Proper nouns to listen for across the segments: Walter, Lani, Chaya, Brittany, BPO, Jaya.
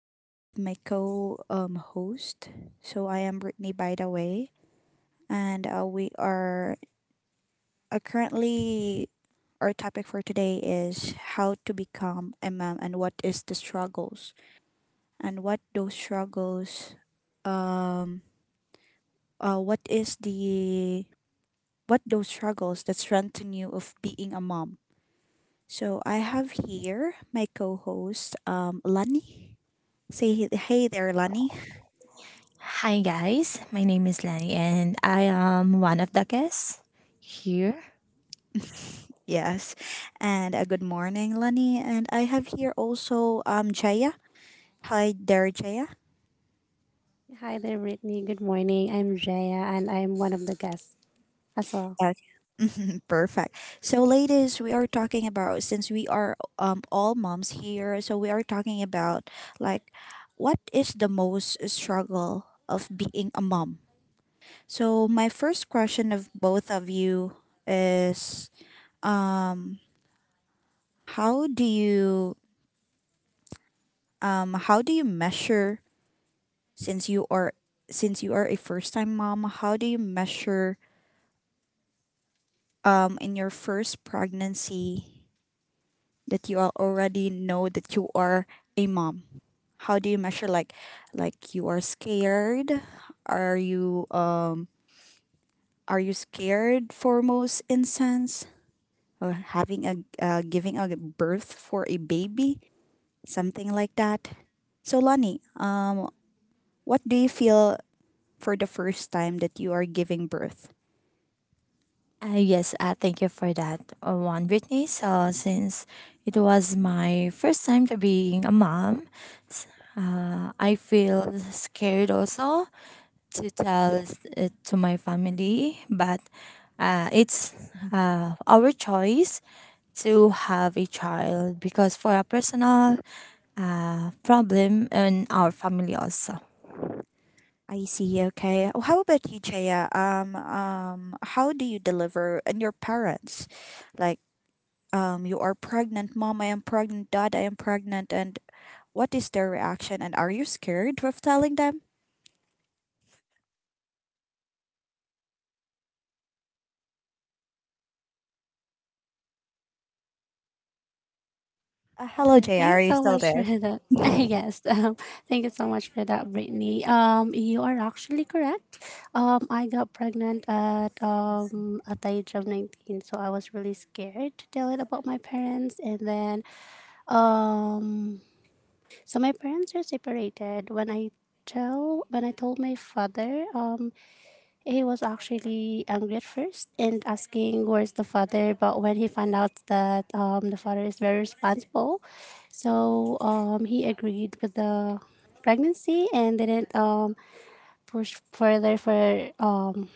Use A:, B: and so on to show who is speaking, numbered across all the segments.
A: I am with my co host. So I am Brittany, by the way, and we are currently our topic for today is how to become a mom and what is the struggles and what those struggles um what is the what those struggles that strengthen you of being a mom. So I have here my co-host Lani. Say hey there, Lani.
B: Hi, guys. My name is Lenny, and I am one of the guests here.
A: Yes, and good morning, Lani. And I have here also Jaya. Hi there, Jaya.
C: Hi there, Brittany. Good morning. I'm Jaya, and I'm one of the guests as well.
A: Okay. Perfect. So, ladies, we are talking about since we are all moms here, so we are talking about like what is the most struggle of being a mom. So, my first question of both of you is um how do you how do you measure since you are a first time mom, how do you measure in your first pregnancy that you already know that you are a mom, how do you measure like you are scared, are you um are you scared for most instance or having a giving a birth for a baby, something like that? So Lani, what do you feel for the first time that you are giving birth?
B: Yes, thank you for that one, Brittany. So, since it was my first time to being a mom, s- I feel scared also to tell it to my family, but it's our choice to have a child because for a personal problem in our family also.
A: I see. Okay. Well, how about you, Chaya? How do you deliver and your parents? Like, you are pregnant, mom. I am pregnant, dad. I am pregnant. And what is their reaction? And are you scared of telling them?
C: All
A: Hello,
C: right.
A: Chaya.
C: Thank you
A: Are you
C: so
A: still
C: much for
A: there?
C: that. Yes. Thank you so much for that, Brittany. You are actually correct. I got pregnant at
A: I
C: um at the age of 19, so I was really scared to tell it about my parents, and then um, my parents are separated. When I told my father he was actually angry at first and asking where's the father, but when he found out that the father is very responsible, so he agreed with the pregnancy and didn't push further for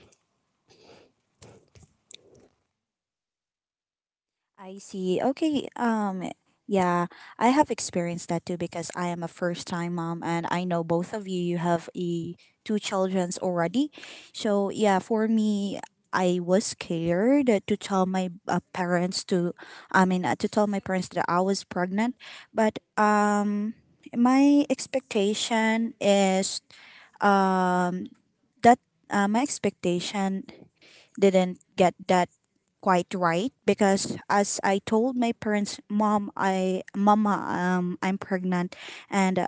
A: I see. Okay. Yeah, I have experienced that too because I am a first time mom, and I know both of you have a two childrens already. So, yeah, for me, I was scared to tell my parents to, I mean to tell my parents that I was pregnant, but my expectation is um that my expectation didn't get that quite right because as I told my parents, mom, I mama, I'm pregnant, and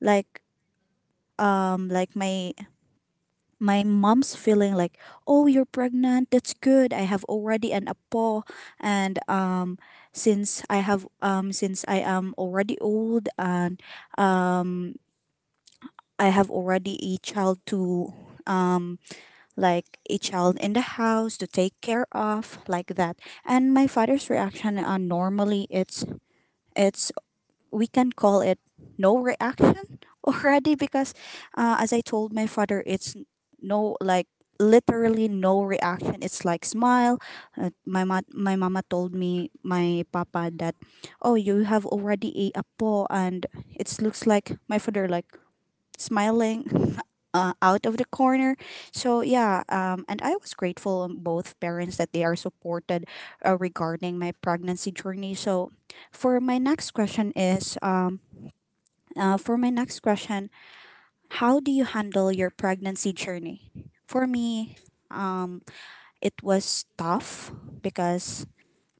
A: like like my my mom's feeling like, oh, you're pregnant, that's good, I have already an apple, and since I have since I am already old and um I have already a child to um like a child in the house to take care of, like that. And my father's reaction, normally it's it's we can call it no reaction already because as I told my father it's no, like, literally no reaction, it's like smile. My my mama told me my papa that, oh, you have already a apo, and it looks like my father like smiling out of the corner. So yeah, and I was grateful on both parents that they are supported regarding my pregnancy journey. So for my next question is for my next question, how do you handle your pregnancy journey? For me, um, it was tough because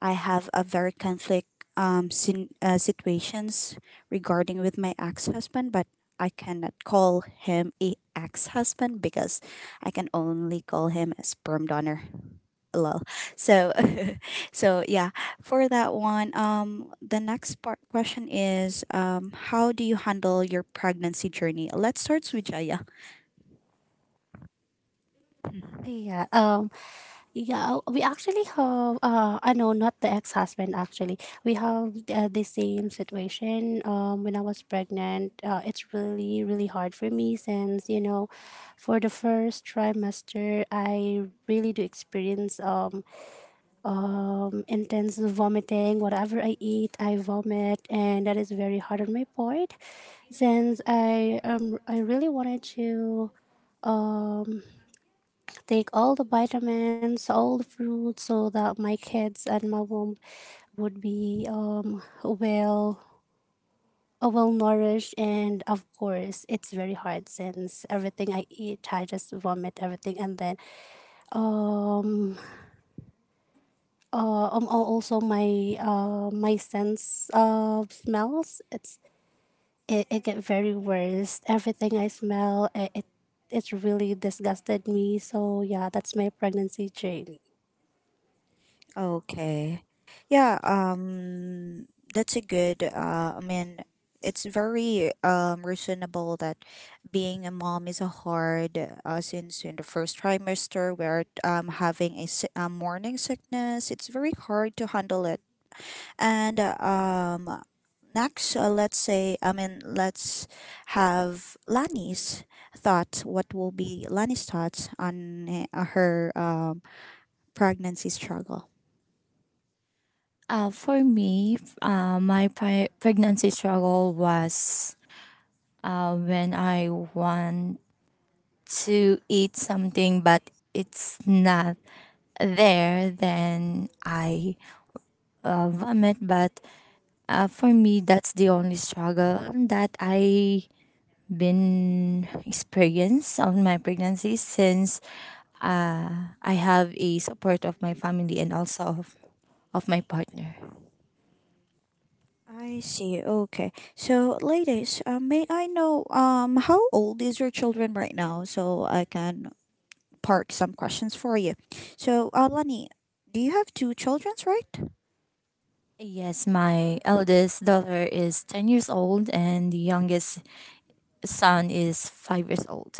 A: I have a very conflict situations regarding with my ex-husband, but I cannot call him a ex-husband because I can only call him a sperm donor. Lol. So so yeah, for that one, the next part question is how do you handle your pregnancy journey? Let's start with Jaya.
C: yeah Yeah, we actually have I know not the ex-husband actually. We have the same situation when I was pregnant. It's really hard for me since you know for the first trimester I really do experience intense vomiting. Whatever I eat, I vomit, and that is very hard on my part since I really wanted to take all the vitamins, all the fruits, so that my kids and my womb would be well well nourished. And of course it's very hard since everything I eat I just vomit everything. And then um uh, um al- also my my sense of smells, it get very worse. Everything I smell it's really disgusted me. So yeah, that's my pregnancy journey.
A: Okay. Yeah, that's a good I mean it's very reasonable that being a mom is a hard since in the first trimester we're having a, a morning sickness. It's very hard to handle it. And next let's say, I mean, let's have Lani's thoughts. What will be Lani's thoughts on her pregnancy struggle?
B: For me, my pregnancy struggle was when I want to eat something but it's not there, then I vomit. But for me, that's the only struggle that I been experienced on my pregnancy since I have a support of my family and also of my partner.
A: I see. Okay. So, ladies, may I know how old is your children right now so I can park some questions for you. So, Lani, do you have two children, right?
B: Yes, my eldest daughter is 10 years old and the youngest son is 5 years old.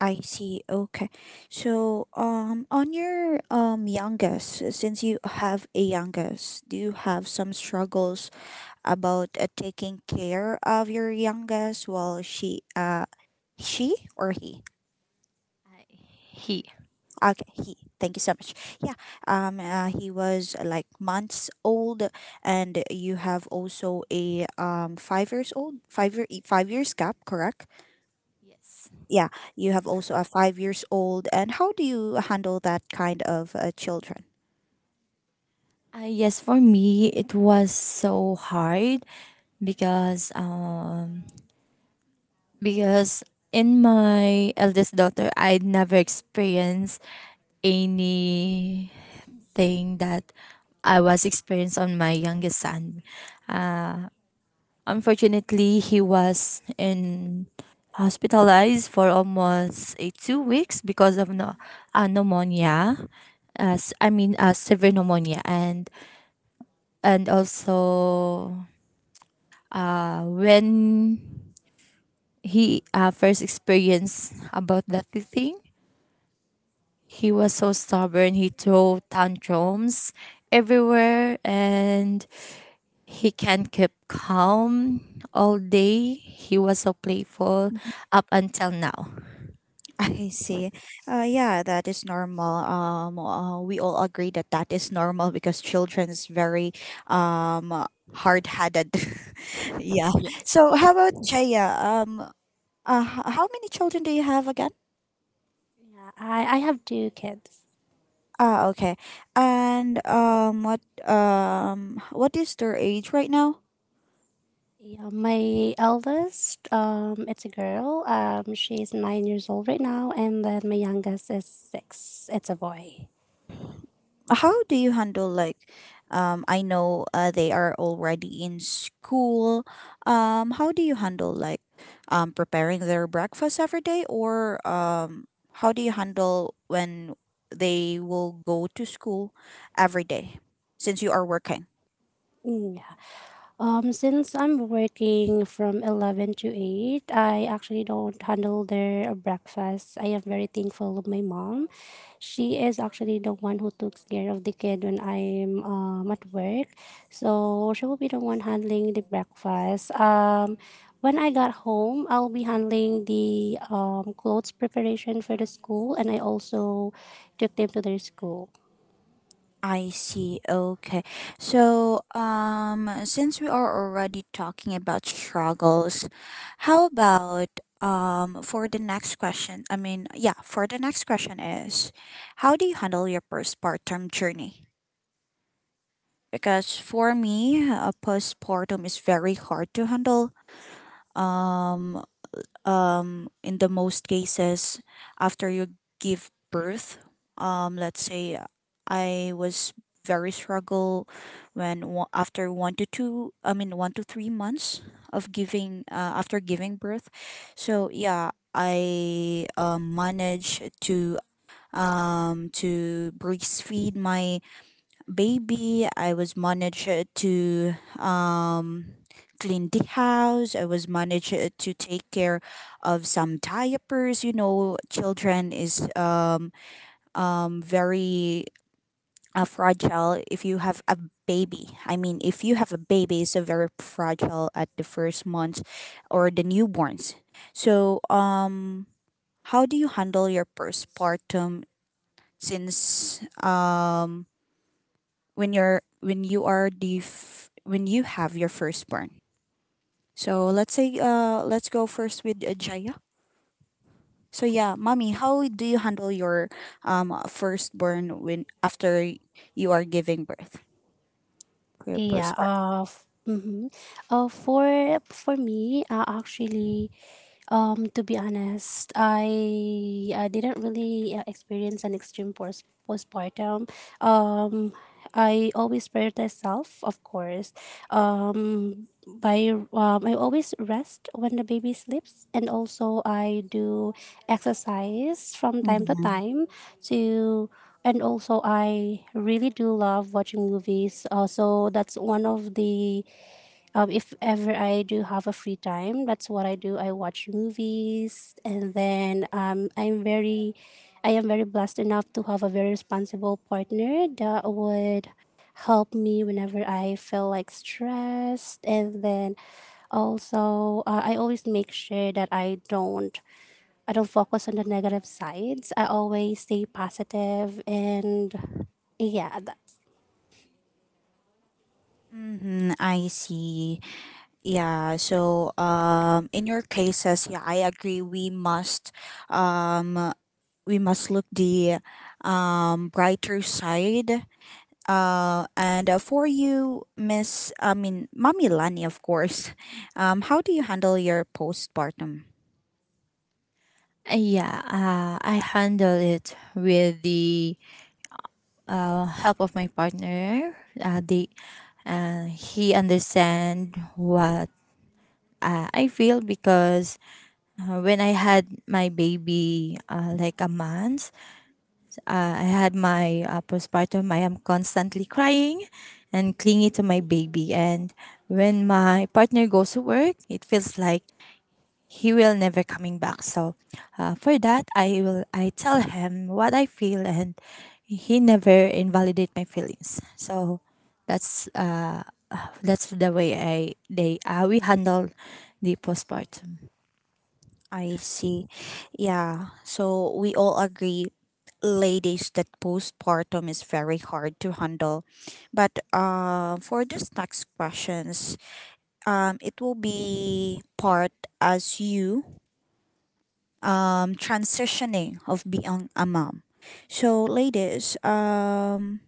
A: I see. Okay. So, on your youngest, since you have a youngest, do you have some struggles about taking care of your youngest while she or he?
B: I, he.
A: Okay, he. Thank you so much. Yeah, he was like months old, and you have also a 5 years old, 5 years gap, correct?
B: Yes.
A: Yeah, you have also a 5 years old, and how do you handle that kind of children?
B: Yes, for me, it was so hard because um, because in my eldest daughter, I never experienced anything that I was experienced on my youngest son. Uh, Unfortunately, he was in hospitalized for almost 2 weeks because of no, pneumonia. As I mean, severe pneumonia, and also when he first experienced about that thing, he was so stubborn. He threw tantrums everywhere and he can not keep calm all day. He was so playful up until now.
A: Mhm. I see. Yeah, that is normal. We all agree that that is normal because children is very um hard-headed. Yeah.
B: Yeah.
A: So how about Jaya? How many children do you have again?
C: I have two kids.
A: Ah, okay. And what is their age right now?
C: Yeah, my eldest, it's a girl. She's 9 years old right now, and then my youngest is six. It's a boy.
A: How do you handle like, I know they are already in school. How do you handle like, preparing their breakfast every day, or how do you handle when they will go to school every day, since you are working?
C: Mm. Since I'm working from 11 to 8, I actually don't handle their breakfast. I am very thankful of my mom. She is actually the one who took care of the kid when I'm at work. So she will be the one handling the breakfast. When I got home, I'll be handling the clothes preparation for the school, and I also took them to their school.
A: I see. Okay. So, since we are already talking about struggles, how about for the next question? I mean, yeah, for the next question is, how do you handle your postpartum journey? Because for me, a postpartum is very hard to handle. Um, in the most cases after you give birth, let's say I was very struggle when after one to two, I mean 1 to 3 months of giving, after giving birth. So yeah, I managed to breastfeed my baby. I was managed to um, clean the house. I was managed to take care of some diapers. You know, children is very fragile if you have a baby. I mean, if you have a baby, it's so very fragile at the first month or the newborns. So, how do you handle your postpartum since when you're when you are the when you have your firstborn? So let's say let's go first with Jaya. So yeah, mommy, how do you handle your firstborn when after you are giving birth for your
C: Yeah,
A: firstborn?
C: uh, f- mhm. Uh, for for me, to be honest, I didn't really experience an extreme post postpartum. Um, I always prioritize self, of course. Um, by I always rest when the baby sleeps, and also I do exercise from time to
A: Mm-hmm.
C: time. To And also I really do love watching movies. So that's one of the if ever I do have a free time, that's what I do. I watch movies. And I am very blessed enough to have a very responsible partner that would help me whenever I feel like stressed. And then also I always make sure that I don't focus on the negative sides. I always stay positive, and yeah.
A: Mm-hmm, I see. Yeah, so in your cases, yeah, I agree um we must look the brighter side. And for you, Miss, I mean, Mommy Lani, of course, how do you handle your postpartum?
B: Yeah, I handle it with the help of my partner. He understand what I feel because when I had my baby, like a month, I had my postpartum, I am constantly crying and clingy to my baby. And when my partner goes to work, it feels like he will never coming back. So for that, I tell him what I feel, and he never invalidate my feelings. So that's uh, that's the way I they we handle the postpartum.
A: I see. Yeah. So we all agree, ladies, that postpartum is very hard to handle. But for this next questions, it will be part as you transitioning of being a mom. So, ladies,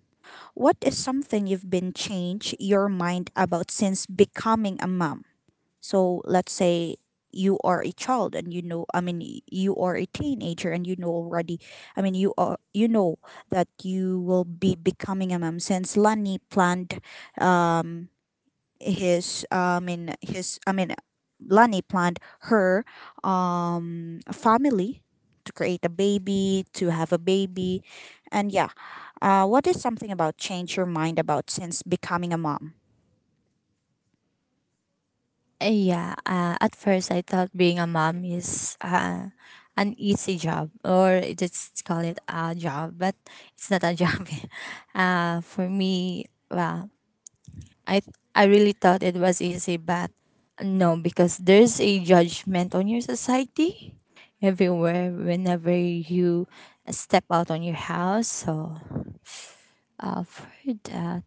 A: what is something you've been changed your mind about since becoming a mom? So let's say you are a child and you know, I mean, you are a teenager and you know already, I mean, you are you know that you will be becoming a mom since Lani planned um his I mean, his I mean Lani planned her family to create a baby, to have a baby. And yeah, what is something about change your mind about since becoming a mom?
B: Yeah, at first I thought being a mom is an easy job or just call it a job, but it's not a job. For me, well, I I really thought it was easy, but no, because there's a judgment on your society everywhere whenever you step out on your house. So, for it.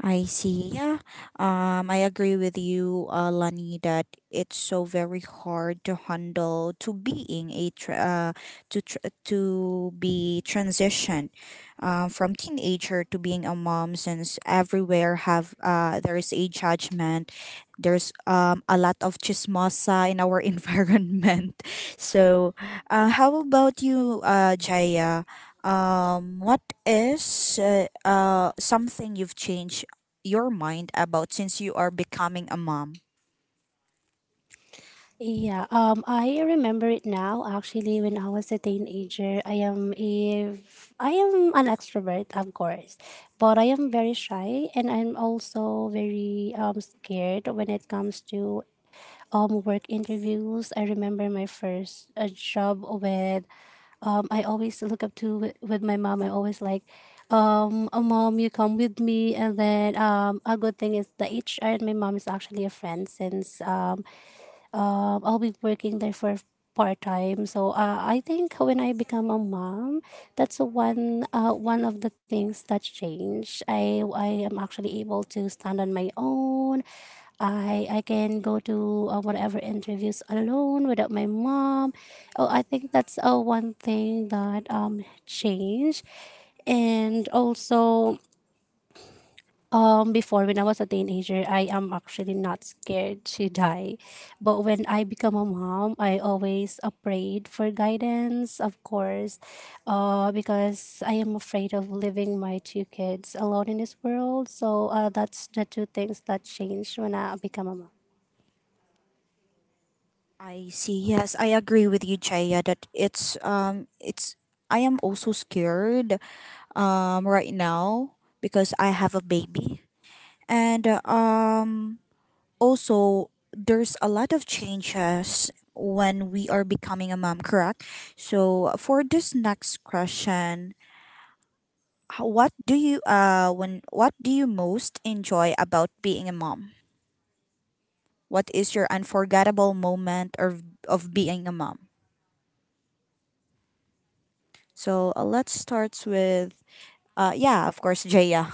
A: I see. Yeah. I agree with you, Lani, that it's so very hard to handle to being a to be transitioned from teenager to being a mom since everywhere have there is a judgment. There's a lot of chismosa in our environment. So, how about you, Jaya? What is something you've changed your mind about since you are becoming a mom?
C: Yeah, I remember it now. Actually, when I was a teenager, I am an extrovert, of course, but I am very shy, and I'm also very scared when it comes to work interviews. I remember my first job with I always look up to with my mom. I always like, oh, mom, you come with me. And then a good thing is the HR and my mom is actually a friend since I'll be working there for part time. So I think when I become a mom, that's the one one of the things that changed. I am actually able to stand on my own. I can go to whatever interviews alone without my mom. Oh, I think that's one thing that changed. And also before when I was a teenager, I am actually not scared to die. But when I become a mom, I always prayed for guidance, of course, because I am afraid of leaving my two kids alone in this world. So that's the two things that changed when I become a mom.
A: I see. Yes, I agree with you, Chaya, that it's I am also scared right now because I have a baby. And also there's a lot of changes when we are becoming a mom, correct? So for this next question, what do you when what do you most enjoy about being a mom? What is your unforgettable moment or of being a mom? So let's start with yeah, of course, Jaya.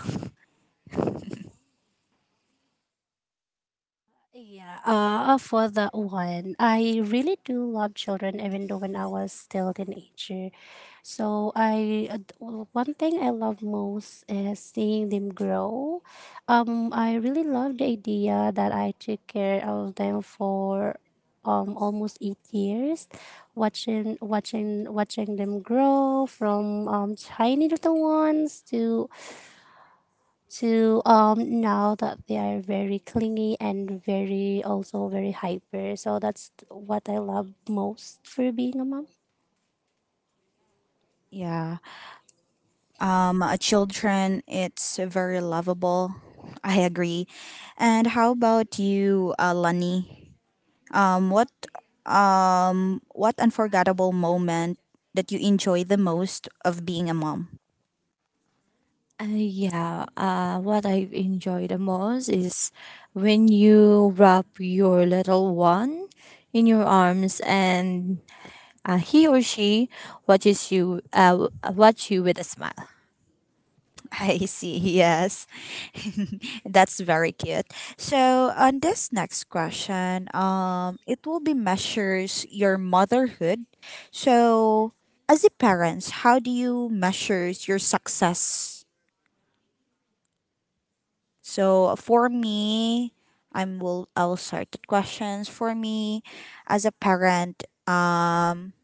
C: Yeah, for that one, I really do love children, even though when I was still teenager. So one thing I love most is seeing them grow. I really love the idea that I took care of them for almost 8 years, watching them grow from tiny little ones to now that they are very clingy and very also very hyper. So that's what I love most for being a mom.
A: Yeah. Children, it's very lovable. I agree. And how about you, Lani? Um what what unforgettable moment that you enjoy the most of being a mom?
B: Yeah, what I enjoy the most is when you wrap your little one in your arms and he or she watches you with a smile.
A: I see, yes. That's very cute. So, on this next question, it will be measures your motherhood. So, as a parent, how do you measures your success? So, for me, I will start the questions for me as a parent.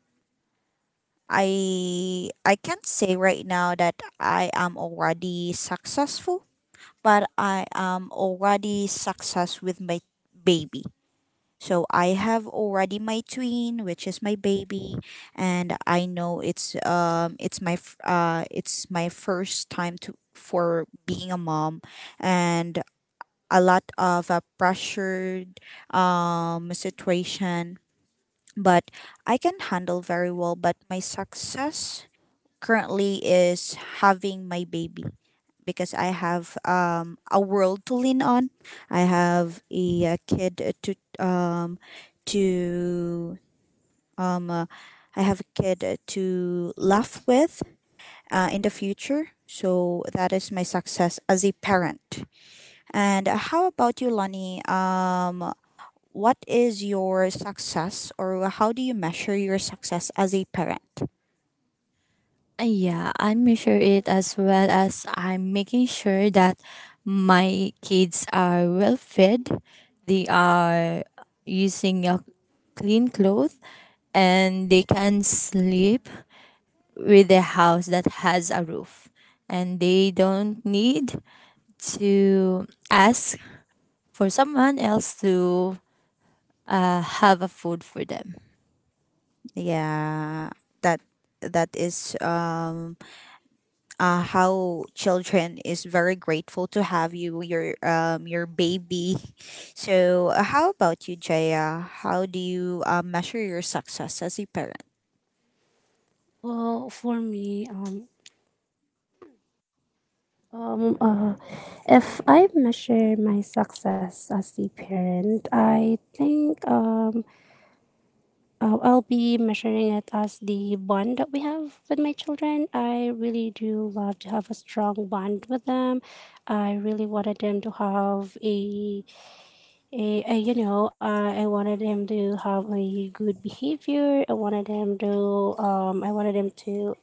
A: I can't say right now that I am already successful but I am already success with my baby. So I have already my twin, which is my baby, and I know it's my it's my first time to for being a mom, and a lot of pressured situation, but I can handle very well. But my success currently is having my baby because I have a world to lean on. I have a, kid to um, uh, I have a kid to laugh with in the future. So that is my success as a parent. And how about you, Lonnie? What is your success, or how do you measure your success as a parent?
B: Yeah, I measure it as well as I'm making sure that my kids are well fed, they are using a clean cloth, and they can sleep with a house that has a roof and they don't need to ask for someone else to have a food for them.
A: Yeah, that that is how children is very grateful to have you your baby so how about you Jaya, how do you measure your success as a parent?
C: Well for me um uh, if I measure my success as the parent, I think I'll be measuring it as the bond that we have with my children. I really do love to have a strong bond with them. I really wanted them to have a you know, I wanted him to have a good behavior. I wanted him I wanted him to,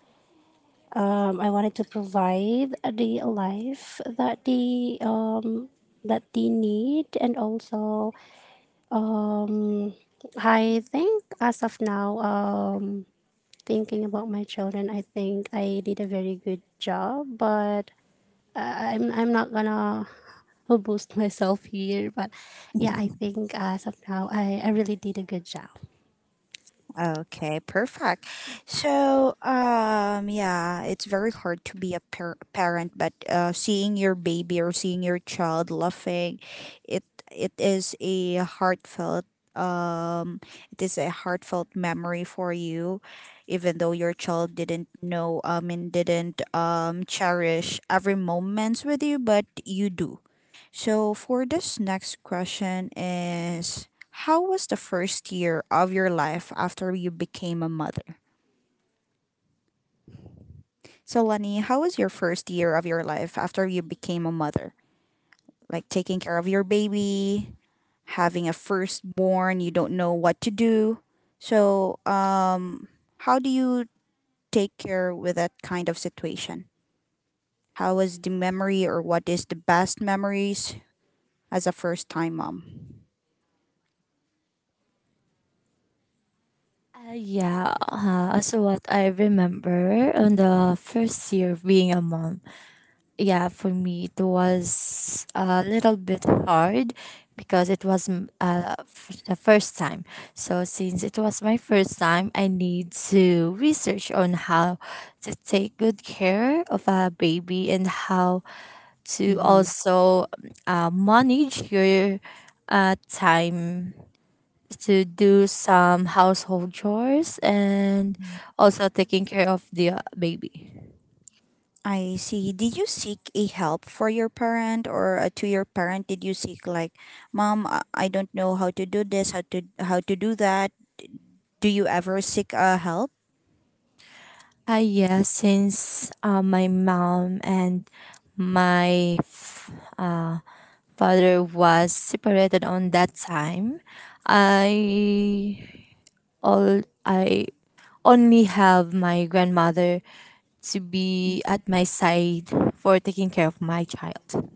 C: I wanted to provide the life that that they need. And also, um, I think as of now, thinking about my children, I think I did a very good job. But I'm not gonna boost myself here, but yeah, I think as of now, I really did a good job.
A: Okay, perfect. So, yeah, it's very hard to be a parent, but seeing your baby or seeing your child laughing, it it is a heartfelt um it is a heartfelt memory for you, even though your child didn't know and didn't cherish every moments with you, but you do. So for this next question is, how was the first year of your life after you became a mother? So Lenny, how was your first year of your life after you became a mother? Like taking care of your baby, having a firstborn, you don't know what to do. So how do you take care with that kind of situation? How was the memory or what is the best memories as a first time mom?
B: Yeah, so, what I remember on the first year of being a mom, yeah, for me it was a little bit hard because it was the first time. So since it was my first time, I need to research on how to take good care of a baby and how to
A: Mm-hmm.
B: also manage your time to do some household chores and also taking care of the baby.
A: I see. Did you seek a help for your parent or to your parent? Did you seek like, mom, I don't know how to do this, how to do that? Do you ever seek help?
B: Yes, since my mom and my f- uh, father was separated on that time, I I only have my grandmother to be at my side for taking care of my child.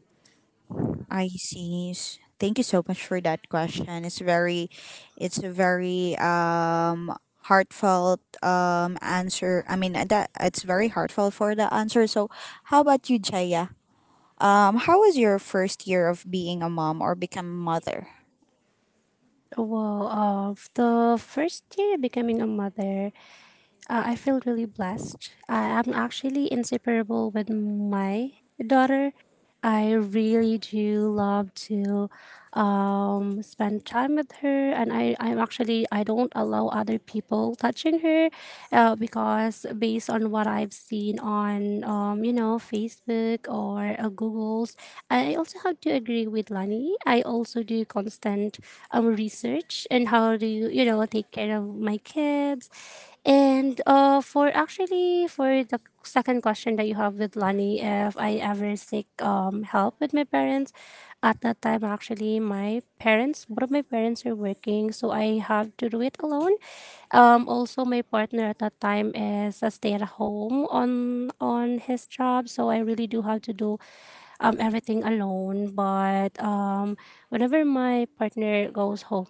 A: I see. Thank you so much for that question. It's it's a very heartfelt answer. I mean that it's very heartfelt for the answer. So, how about you, Jaya? How was your first year of being a mom or become mother?
C: Well, of the first year becoming a mother, I feel really blessed. I am actually inseparable with my daughter. I really do love to spend time with her, and I'm actually I don't allow other people touching her, because based on what I've seen on you know Facebook or Google's, I also have to agree with Lani. I also do constant research and how to you know take care of my kids. And for the second question that you have with Lonnie, if I ever seek help with my parents, at that time actually my parents, both of my parents are working, so I have to do it alone. Also my partner at that time is a stay at home on his job, so I really do have to do everything alone. But whenever my partner goes home,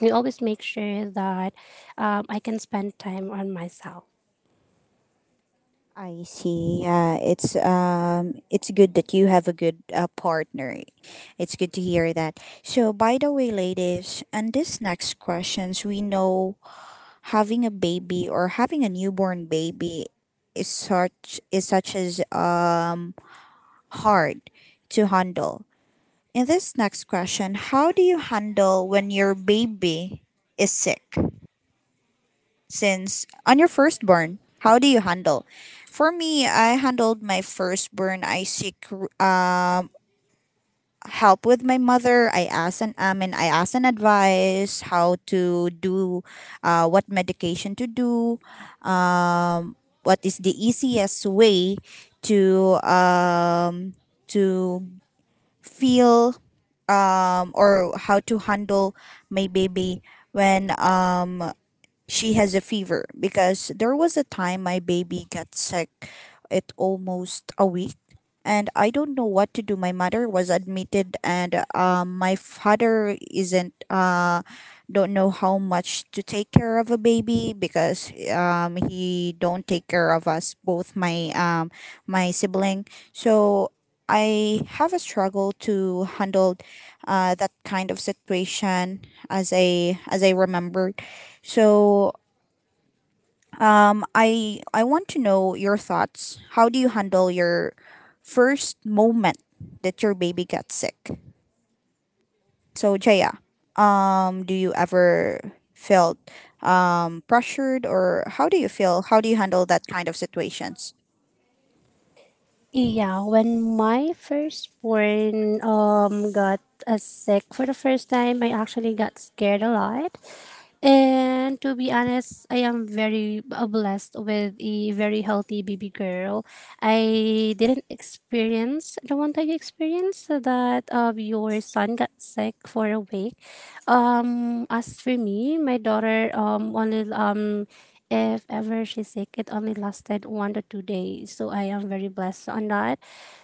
C: we always make sure that I can spend time on myself.
A: I see. Yeah, it's good that you have a good partner. It's good to hear that. So, by the way, ladies, and this next questions, we know having a baby or having a newborn baby is such as hard to handle. In this next question, how do you handle when your baby is sick? Since on your firstborn, how do you handle? For me, I handled my firstborn. I seek um, help with my mother. I asked an advice how to do, what medication to do, um, what is the easiest way to um, to feel or how to handle my baby when she has a fever, because there was a time my baby got sick, it almost a week, and I don't know what to do. My mother was admitted, and my father isn't don't know how much to take care of a baby, because he don't take care of us both, my my sibling. So I have a struggle to handle that kind of situation, as I remembered. So I want to know your thoughts. How do you handle your first moment that your baby got sick? So Jaya, do you ever felt pressured, or how do you feel? How do you handle that kind of situations?
C: Yeah, when my firstborn got sick for the first time, I actually got scared a lot. And to be honest, I am very blessed with a very healthy baby girl. I didn't experience the one time you experienced that your son got sick for a week. As for me, my daughter only if ever she's sick, it only lasted 1 to 2 days. So I am very blessed on that.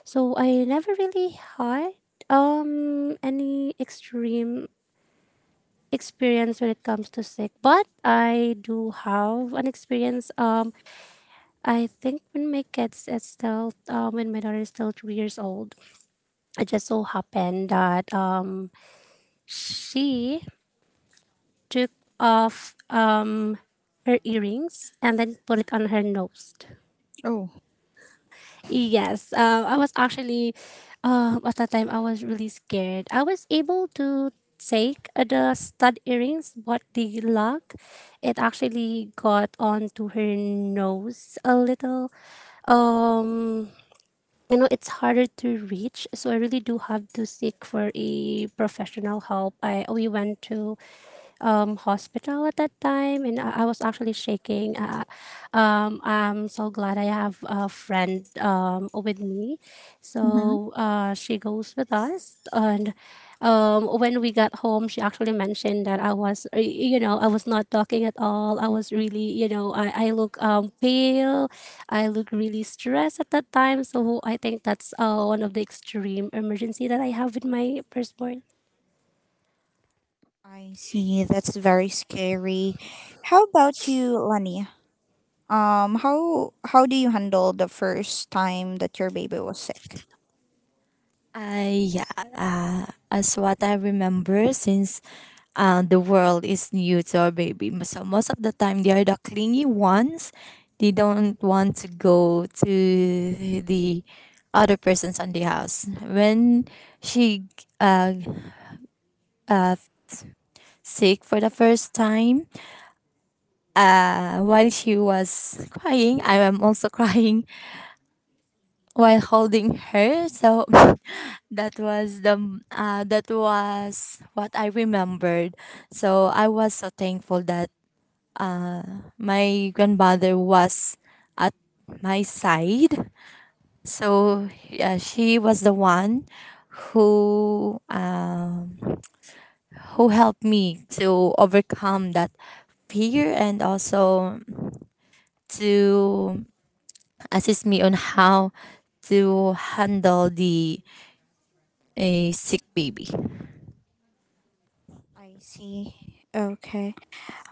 C: So I never really had any extreme experience when it comes to sick, but I do have an experience. I think when my kids is still when my daughter is still 2 years old, it just so happened that she took off her earrings and then put it on her nose.
A: Oh.
C: Yes, I was actually, at that time, I was really scared. I was able to take the stud earrings, but the lock, it actually got onto her nose a little. Um, you know, it's harder to reach, so I really do have to seek for a professional help. I We went to hospital at that time, and I was actually shaking. I'm so glad I have a friend with me,
A: Mm-hmm.
C: so she goes with us. And when we got home, she actually mentioned that I was, you know, I was not talking at all. I was really, you know, I look pale. I look really stressed at that time. So I think that's one of the extreme emergency that I have with my firstborn.
A: I see. That's very scary. How about you, Lani? How do you handle the first time that your baby was sick?
B: I yeah, as what I remember, since the world is new to our baby. So most of the time, they are the clingy ones. They don't want to go to the other persons on the house. When she uh, uh, sick for the first time, while she was crying, I am also crying while holding her. So that was the that was what I remembered. So I was so thankful that uh, my grandmother was at my side. So she was the one who um, who helped me to overcome that fear and also to assist me on how to handle the a sick baby.
A: I see. Okay.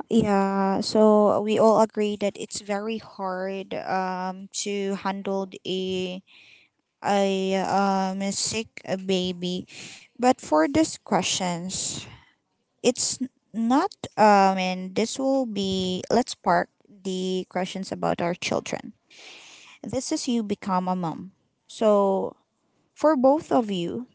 A: Yeah. So we all agree that it's very hard to handle a a sick baby. But for these questions, it's n- not and this will be, let's park the questions about our children. This is you become a mom. So for both of you,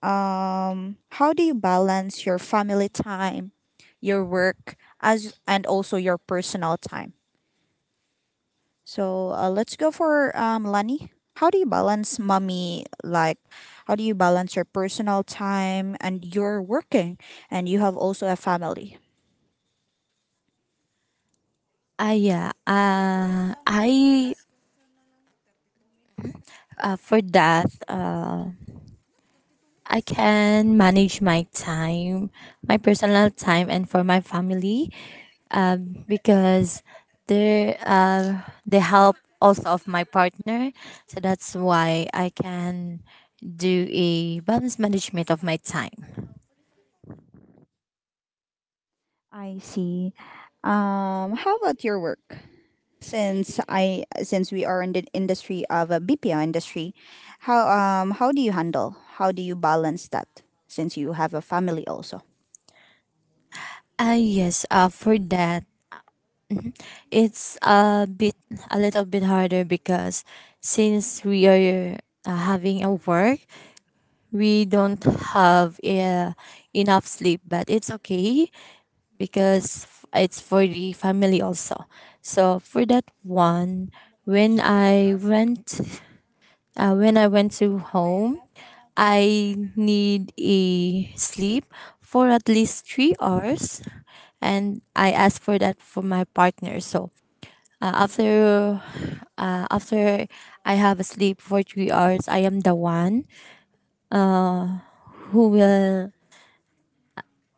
A: How do you balance your family time, your work, as and also your personal time? So let's go for Lani. How do you balance mommy? Like, how do you balance your personal time and you're working, and you have also a family?
B: Ah yeah, I for that I can manage my time, my personal time, and for my family, because they're the help also of my partner. So that's why I can do a balance management of my time.
A: I see. How about your work? Since we are in the industry of a BPO industry, how do you handle? How do you balance that since you have a family also?
B: Yes, for that it's a little bit harder because since we are having a work, we don't have enough sleep. But it's okay because it's for the family also. So for that one, when I went, when I went to home, I need a sleep for at least 3 hours, and I asked for that for my partner. So uh, after, after I have a sleep for 3 hours, I am the one who will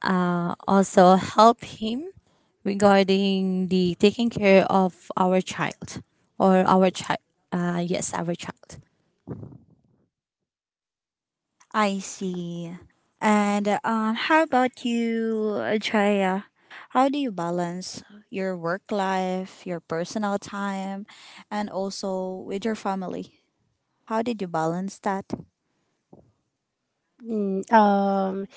B: also help him regarding the taking care of our child or our child yes our child.
A: I see. And how about you, Chaya? How do you balance your work life, your personal time, and also with your family? How did you balance that?
C: Mm, um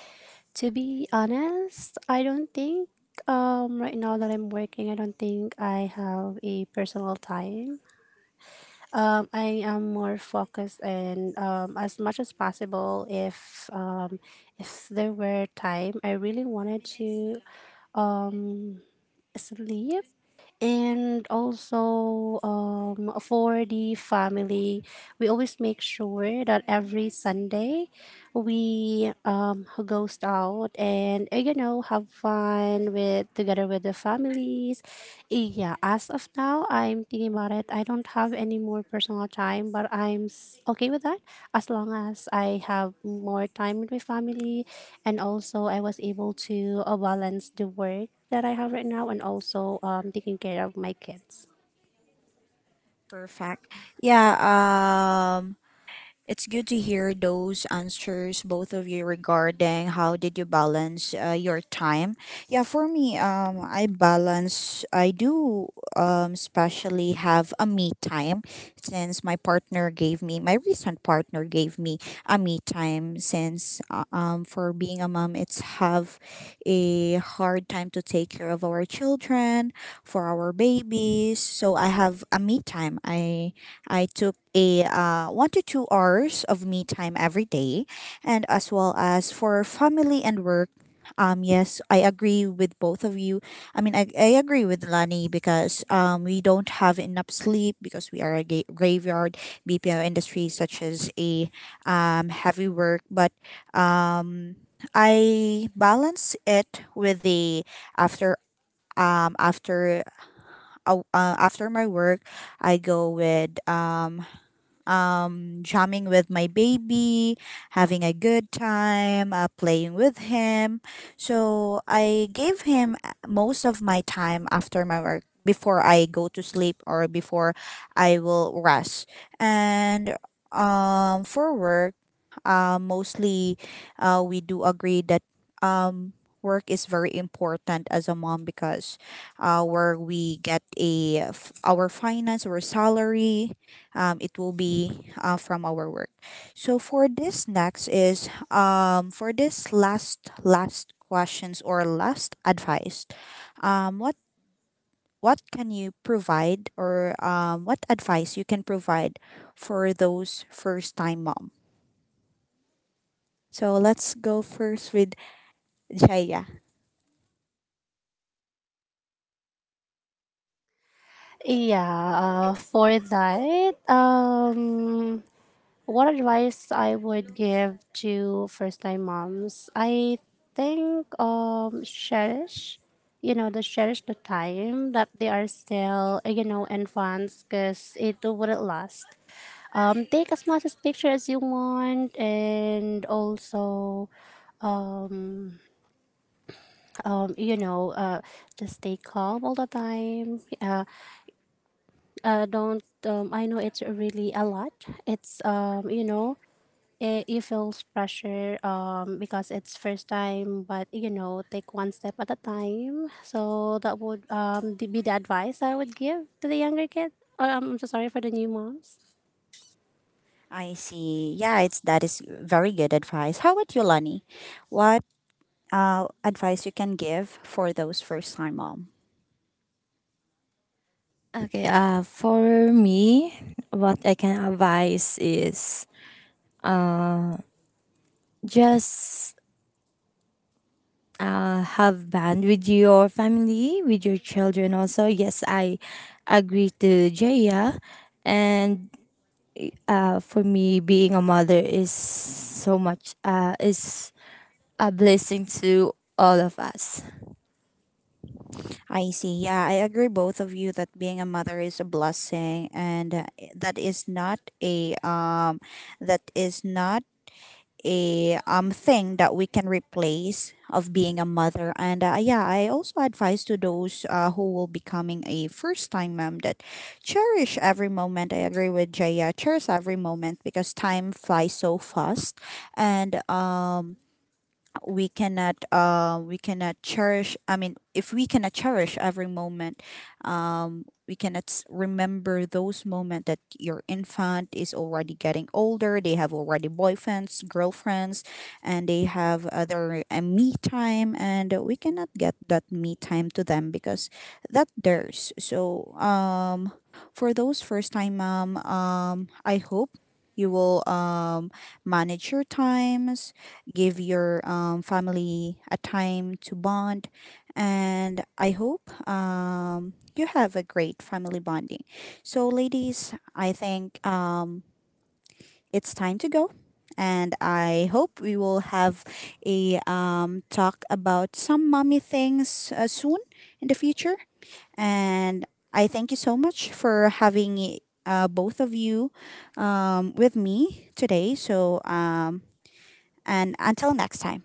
C: To be honest, I don't think right now that I'm working, I don't think I have a personal time. I am more focused, and as much as possible if there were time, I really wanted to um sleep. And also for the family, we always make sure that every Sunday we goes out and you know have fun with together with the families. Yeah, as of now I'm thinking about it, I don't have any more personal time, but okay with that as long as I have more time with my family. And also I was able to balance the work that I have right now, and also taking care of my kids.
A: Perfect. Yeah. It's good to hear those answers, both of you, regarding how did you balance your time. Yeah, for me, I balance. I do, especially have a me time, since my partner gave me, my recent partner gave me a me time. Since for being a mom, it's have a hard time to take care of our children, for our babies. So I have a me time. I took a 1 to 2 hours of me time every day, and as well as for family and work. Yes, I agree with both of you. I mean, I agree with Lani, because we don't have enough sleep because we are a graveyard BPO industry, such as a heavy work. But um, I balance it with the after um after after my work, I go with jamming with my baby, having a good time, playing with him. So I gave him most of my time after my work, before I go to sleep or before I will rest. And for work, mostly we do agree that um, work is very important as a mom, because where we get a our finance or salary, it will be from our work. So for this next is for this last last questions or last advice, um, what what can you provide or what advice you can provide for those first time mom? So let's go first with Jaya.
C: Yeah for that What advice I would give to first time moms? I think cherish the time that they are still, you know, infants, because it wouldn't last. Take as much as picture as you want. And also um, you know, uh, just stay calm all the time. Don't I know it's really a lot. It's you know, you feels pressure because it's first time. But you know, take one step at a time. So that would be the advice I would give to the younger kid. Oh, I'm so sorry, for the new moms.
A: I see, yeah, it's that is very good advice. How about you, Lani? What advice you can give for those first time mom?
B: Okay, for me what I can advise is uh, just have band with your family with your children also. Yes, I agree to Jaya. And for me being a mother is so much is a blessing to all of us.
A: I see. Yeah, I agree both of you that being a mother is a blessing, and that is not a that is not a thing that we can replace of being a mother. And yeah, I also advise to those who will becoming a first time mom, that cherish every moment. I agree with Jaya, cherish every moment, because time flies so fast. And we cannot cherish. I mean, if we cannot cherish every moment, we cannot remember those moments that your infant is already getting older. They have already boyfriends, girlfriends, and they have other me time, and we cannot get that me time to them, because that theirs. So for those first time mom, I hope you will manage your times, give your family a time to bond, and I hope you have a great family bonding. So, ladies, I think it's time to go. And I hope we will have a talk about some mommy things soon in the future. And I thank you so much for having both of you with me today. So, and until next time,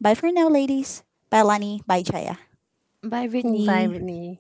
A: bye for now, ladies. Bye, Lani. Bye, Chaya.
B: Bye,
C: Bye,
B: Brittany.
C: Whitney.